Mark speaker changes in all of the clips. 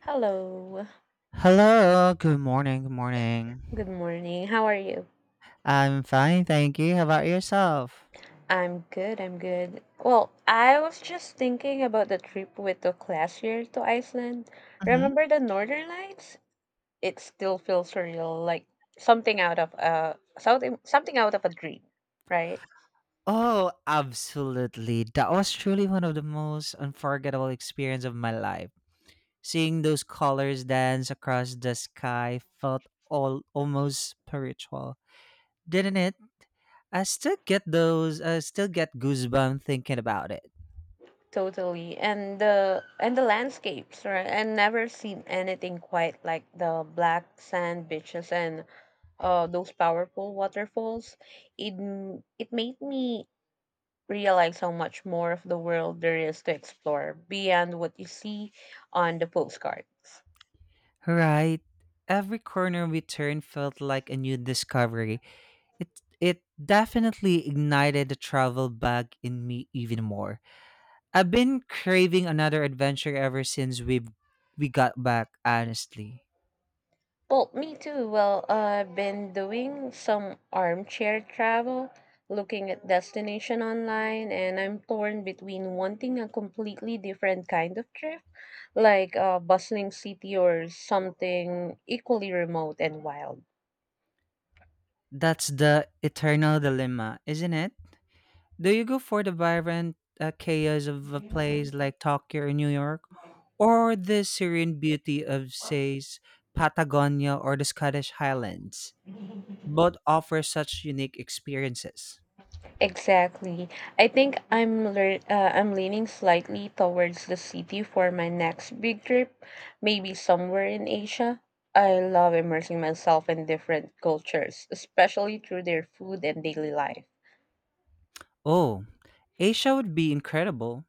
Speaker 1: Hello.
Speaker 2: Hello, good morning, good
Speaker 1: Good
Speaker 2: morning.
Speaker 1: morning. How are you?
Speaker 2: I'm fine, thank you. How about yourself?
Speaker 1: I'm good. Well, I was just thinking about the trip we took last year to Iceland.
Speaker 2: Hmm.
Speaker 1: Remember the Northern Lights? It still feels surreal, like something out of a something something out of a dream, right?
Speaker 2: Oh, absolutely. That was truly one of the most unforgettable experience of my life. Seeing those colors dance across the sky felt all almost spiritual. Didn't it? I still get those. I still get goosebumps thinking about it.
Speaker 1: Totally. And the landscapes, right? And never seen anything quite like the black sand beaches and those powerful waterfalls. It made me realize how much more of the world there is to explore beyond what you see on the postcards.
Speaker 2: Right. Every corner we turned felt like a new discovery. It definitely ignited the travel bug in me even more. I've been craving another adventure ever since we got back, honestly.
Speaker 1: Well, me too. Well, I've been doing some armchair travel, looking at destination online, and I'm torn between wanting a completely different kind of trip, like a bustling city or something equally remote and wild.
Speaker 2: That's the eternal dilemma, isn't it? Do you go for the vibrant chaos of a place like Tokyo or New York, or the serene beauty of, say, Patagonia or the Scottish Highlands? Both offer such unique experiences.
Speaker 1: Exactly. I think I'm lear- I'm leaning slightly towards the city for my next big trip, maybe somewhere in Asia. I love immersing myself in different cultures, especially through their food and daily life.
Speaker 2: Oh, Asia would be incredible.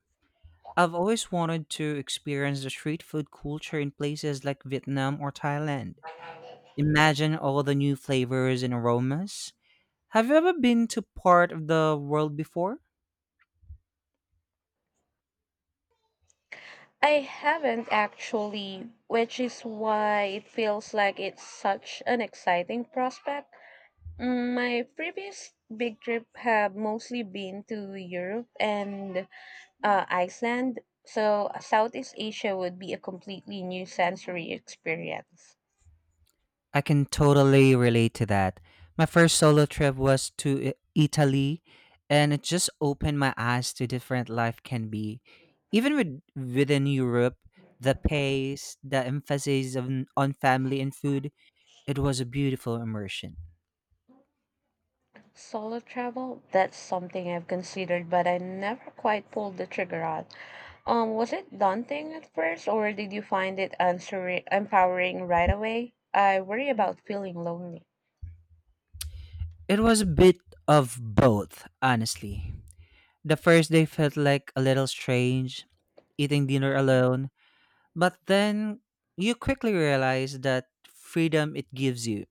Speaker 2: I've always wanted to experience the street food culture in places like Vietnam or Thailand. Imagine all the new flavors and aromas. Have you ever been to part of the world before?
Speaker 1: I haven't actually, which is why it feels like it's such an exciting prospect. My previous big trip have mostly been to Europe and Iceland. So Southeast Asia would be a completely new sensory experience.
Speaker 2: I can totally relate to that. My first solo trip was to Italy, and it just opened my eyes to different life can be. Even within Europe, the pace, the emphasis on family and food, it was a beautiful immersion.
Speaker 1: Solo travel, that's something I've considered, but I never quite pulled the trigger on. Was it daunting at first, or did you find it empowering right away? I worry about feeling lonely.
Speaker 2: It was a bit of both, honestly. The first day felt like a little strange, eating dinner alone, but then you quickly realize that freedom it gives you.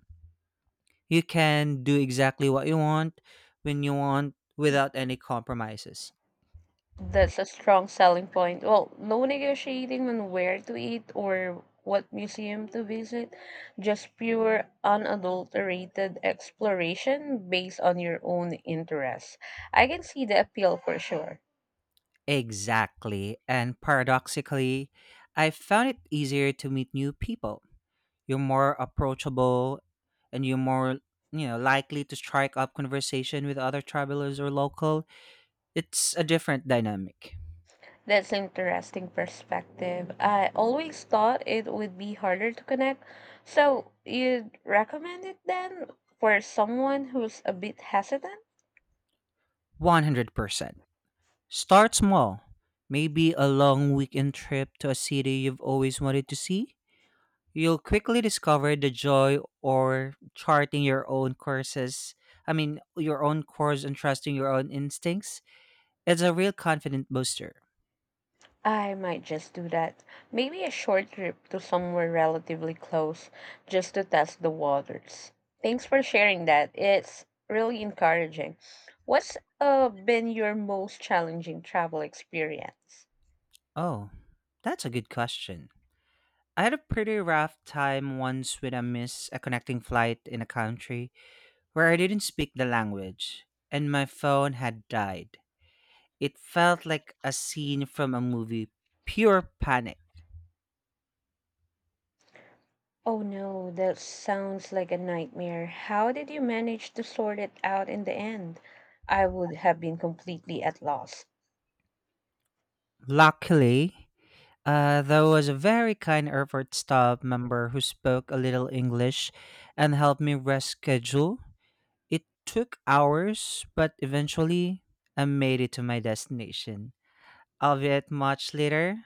Speaker 2: You can do exactly what you want when you want without any compromises.
Speaker 1: That's a strong selling point. Well, no negotiating on where to eat or what museum to visit, just pure unadulterated exploration based on your own interests. I can see the appeal for sure.
Speaker 2: Exactly. And paradoxically, I found it easier to meet new people. You're more approachable and you're likely to strike up conversation with other travelers or locals. It's a different dynamic.
Speaker 1: That's an interesting perspective. I always thought it would be harder to connect. So, you'd recommend it then for someone who's a bit hesitant?
Speaker 2: 100%. Start small. Maybe a long weekend trip to a city you've always wanted to see. You'll quickly discover the joy or charting your own courses. Your own course and trusting your own instincts. It's a real confident booster.
Speaker 1: I might just do that. Maybe a short trip to somewhere relatively close just to test the waters. Thanks for sharing that. It's really encouraging. What's been your most challenging travel experience?
Speaker 2: Oh, that's a good question. I had a pretty rough time once when I missed a connecting flight in a country where I didn't speak the language and my phone had died. It felt like a scene from a movie, pure panic.
Speaker 1: Oh no, that sounds like a nightmare. How did you manage to sort it out in the end? I would have been completely at loss.
Speaker 2: Luckily, there was a very kind airport staff member who spoke a little English and helped me reschedule. It took hours, but eventually I made it to my destination, albeit much later,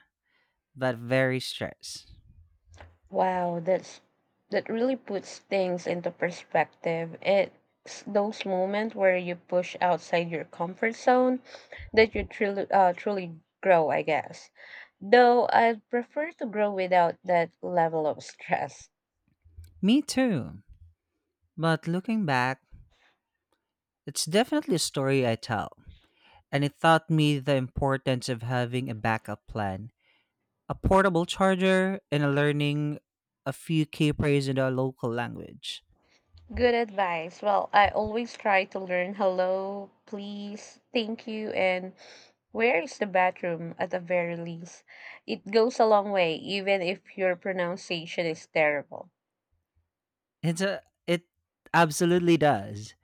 Speaker 2: but very stressed.
Speaker 1: Wow, that's that really puts things into perspective. It's those moments where you push outside your comfort zone that you truly grow, I guess. Though I'd prefer to grow without that level of stress.
Speaker 2: Me too. But looking back, it's definitely a story I tell, and it taught me the importance of having a backup plan, a portable charger, and a learning a few key phrases in the local language.
Speaker 1: Good advice. Well, I always try to learn hello, please, thank you, and where is the bathroom at the very least. It goes a long way, even if your pronunciation is terrible.
Speaker 2: It absolutely does.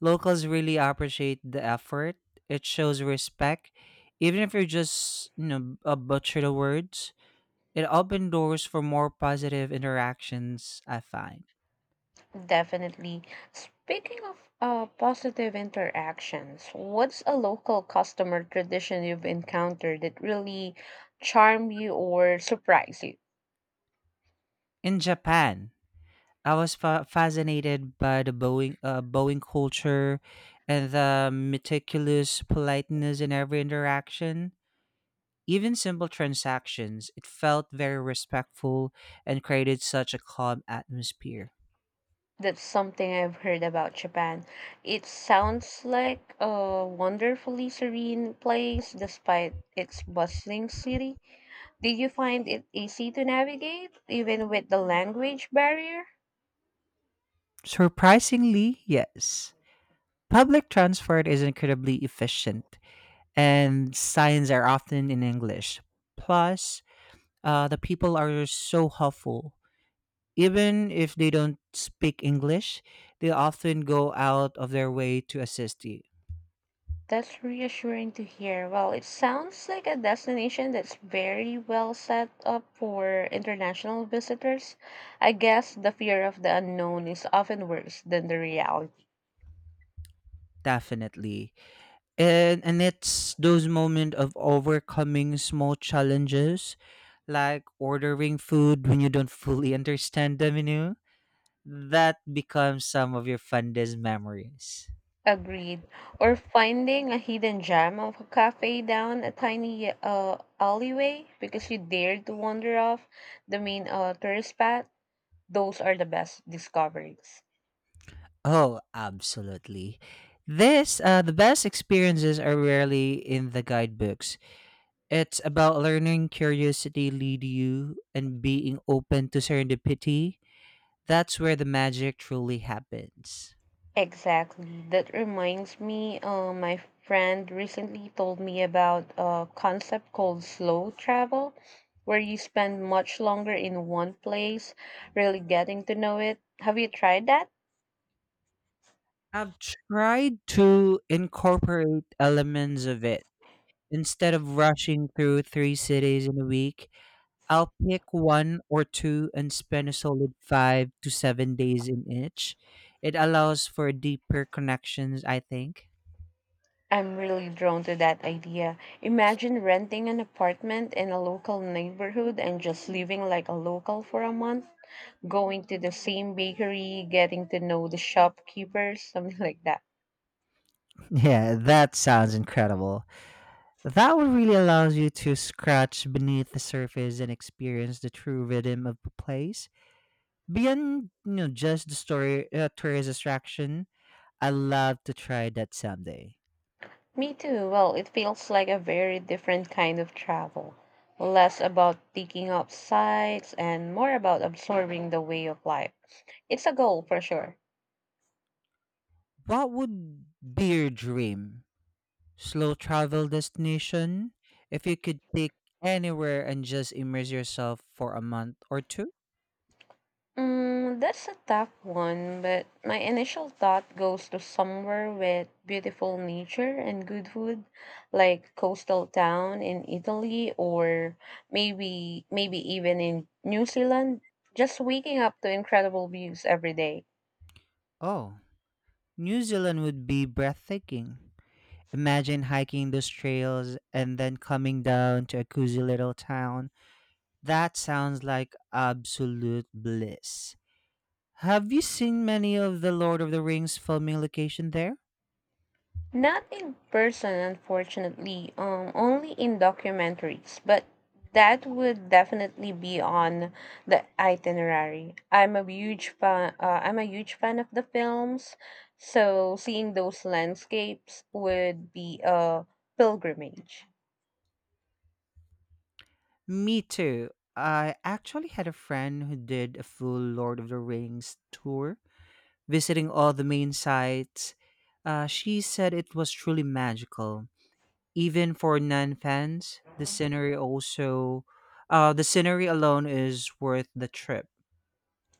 Speaker 2: Locals really appreciate the effort. It shows respect, even if you're just a butcher the words. It opened doors for more positive interactions, I find.
Speaker 1: Definitely. Speaking of positive interactions, what's a local customer tradition you've encountered that really charmed you or surprised you?
Speaker 2: In Japan, I was fascinated by the Boeing culture and the meticulous politeness in every interaction. Even simple transactions, it felt very respectful and created such a calm atmosphere.
Speaker 1: That's something I've heard about Japan. It sounds like a wonderfully serene place despite its bustling city. Did you find it easy to navigate, even with the language barrier?
Speaker 2: Surprisingly, yes. Public transport is incredibly efficient, and signs are often in English. Plus, the people are so helpful. Even if they don't speak English, they often go out of their way to assist you.
Speaker 1: That's reassuring to hear. Well, it sounds like a destination that's very well set up for international visitors. I guess the fear of the unknown is often worse than the reality.
Speaker 2: Definitely. And it's those moments of overcoming small challenges, like ordering food when you don't fully understand the menu, that becomes some of your fondest memories.
Speaker 1: Agreed. Or finding a hidden gem of a cafe down a tiny alleyway because you dared to wander off the main tourist path. Those are the best discoveries.
Speaker 2: Oh, absolutely. The best experiences are rarely in the guidebooks. It's about learning curiosity lead you and being open to serendipity. That's where the magic truly happens.
Speaker 1: Exactly. That reminds me, my friend recently told me about a concept called slow travel, where you spend much longer in one place, really getting to know it. Have you tried that?
Speaker 2: I've tried to incorporate elements of it. Instead of rushing through 3 cities in a week, I'll pick one or two and spend a solid 5 to 7 days in each. It allows for deeper connections, I think.
Speaker 1: I'm really drawn to that idea. Imagine renting an apartment in a local neighborhood and just living like a local for a month, going to the same bakery, getting to know the shopkeepers, something like that.
Speaker 2: Yeah, that sounds incredible. That would really allows you to scratch beneath the surface and experience the true rhythm of the place. Just the story tourist attraction, I love to try that someday.
Speaker 1: Me too. Well, it feels like a very different kind of travel. Less about picking up sights and more about absorbing the way of life. It's a goal for sure.
Speaker 2: What would be your dream slow travel destination? If you could pick anywhere and just immerse yourself for a month or two?
Speaker 1: That's a tough one, but my initial thought goes to somewhere with beautiful nature and good food, like coastal town in Italy or maybe even in New Zealand. Just waking up to incredible views every day.
Speaker 2: Oh, New Zealand would be breathtaking. Imagine hiking those trails and then coming down to a cozy little town. That sounds like absolute bliss. Have you seen many of the Lord of the Rings filming location there?
Speaker 1: Not in person, unfortunately, only in documentaries, but that would definitely be on the itinerary. I'm a huge fan of the films, so seeing those landscapes would be a pilgrimage.
Speaker 2: Me too. I actually had a friend who did a full Lord of the Rings tour, visiting all the main sites. She said it was truly magical. Even for non fans, the the scenery alone is worth the trip.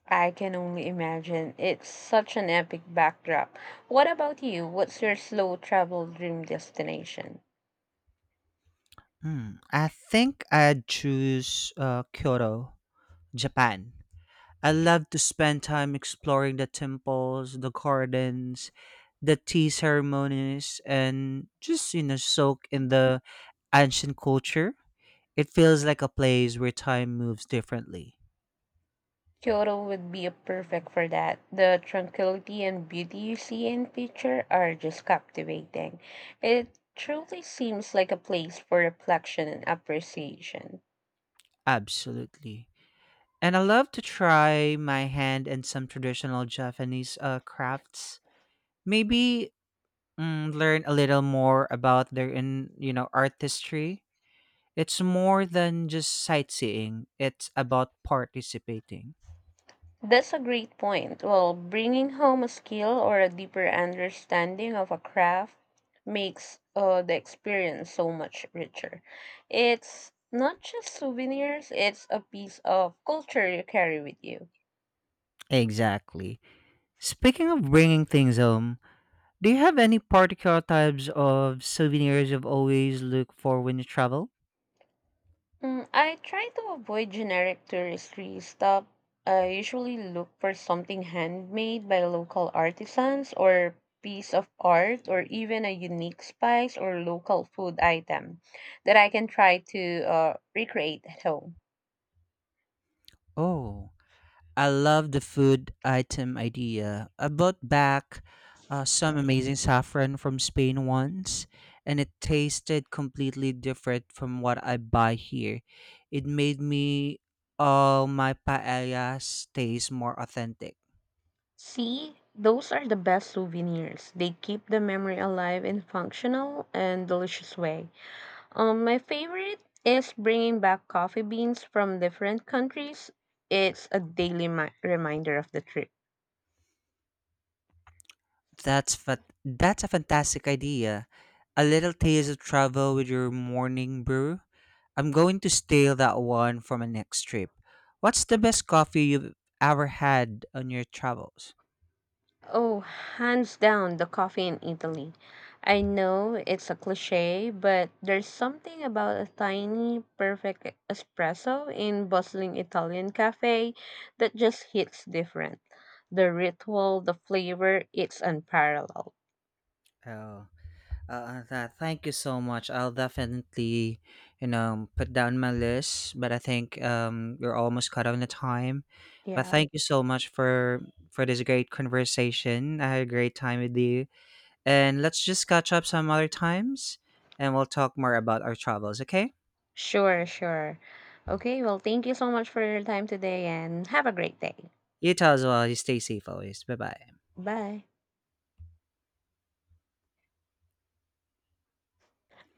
Speaker 1: I can only imagine. It's such an epic backdrop. What about you? What's your slow travel dream destination?
Speaker 2: Hmm, I think I'd choose Kyoto, Japan. I love to spend time exploring the temples, the gardens, the tea ceremonies, and just, soak in the ancient culture. It feels like a place where time moves differently.
Speaker 1: Kyoto would be a perfect for that. The tranquility and beauty you see in picture are just captivating. It truly seems like a place for reflection and appreciation.
Speaker 2: Absolutely. And I love to try my hand in some traditional Japanese crafts. Maybe learn a little more about their in you know artistry. It's more than just sightseeing. It's about participating.
Speaker 1: That's a great point. Well, bringing home a skill or a deeper understanding of a craft makes the experience so much richer. It's not just souvenirs, it's a piece of culture you carry with you.
Speaker 2: Exactly. Speaking of bringing things home, do you have any particular types of souvenirs you've always look for when you travel?
Speaker 1: I try to avoid generic touristry stuff. I usually look for something handmade by local artisans or piece of art or even a unique spice or local food item that I can try to recreate at home.
Speaker 2: Oh, I love the food item idea. I bought back some amazing saffron from Spain once, and it tasted completely different from what I buy here. It made me all my paellas taste more authentic.
Speaker 1: See, those are the best souvenirs. They keep the memory alive in functional and delicious way. My favorite is bringing back coffee beans from different countries. It's a daily reminder of the trip.
Speaker 2: That's fa- that's a fantastic idea. A little taste of travel with your morning brew. I'm going to steal that one for my next trip. What's the best coffee you've ever had on your travels?
Speaker 1: Oh, hands down, the coffee in Italy. I know it's a cliche, but there's something about a tiny, perfect espresso in bustling Italian cafe that just hits different. The ritual, the flavor, it's unparalleled.
Speaker 2: Oh, thank you so much. I'll definitely, put down my list. But I think we're almost cut on the time. But
Speaker 1: Yeah.
Speaker 2: thank you so much for this great conversation. I had a great time with you. And let's just catch up some other times and we'll talk more about our travels, okay?
Speaker 1: Sure, sure. Okay, well, thank you so much for your time today and have a great day.
Speaker 2: You too as well. You stay safe always. Bye bye.
Speaker 1: Bye.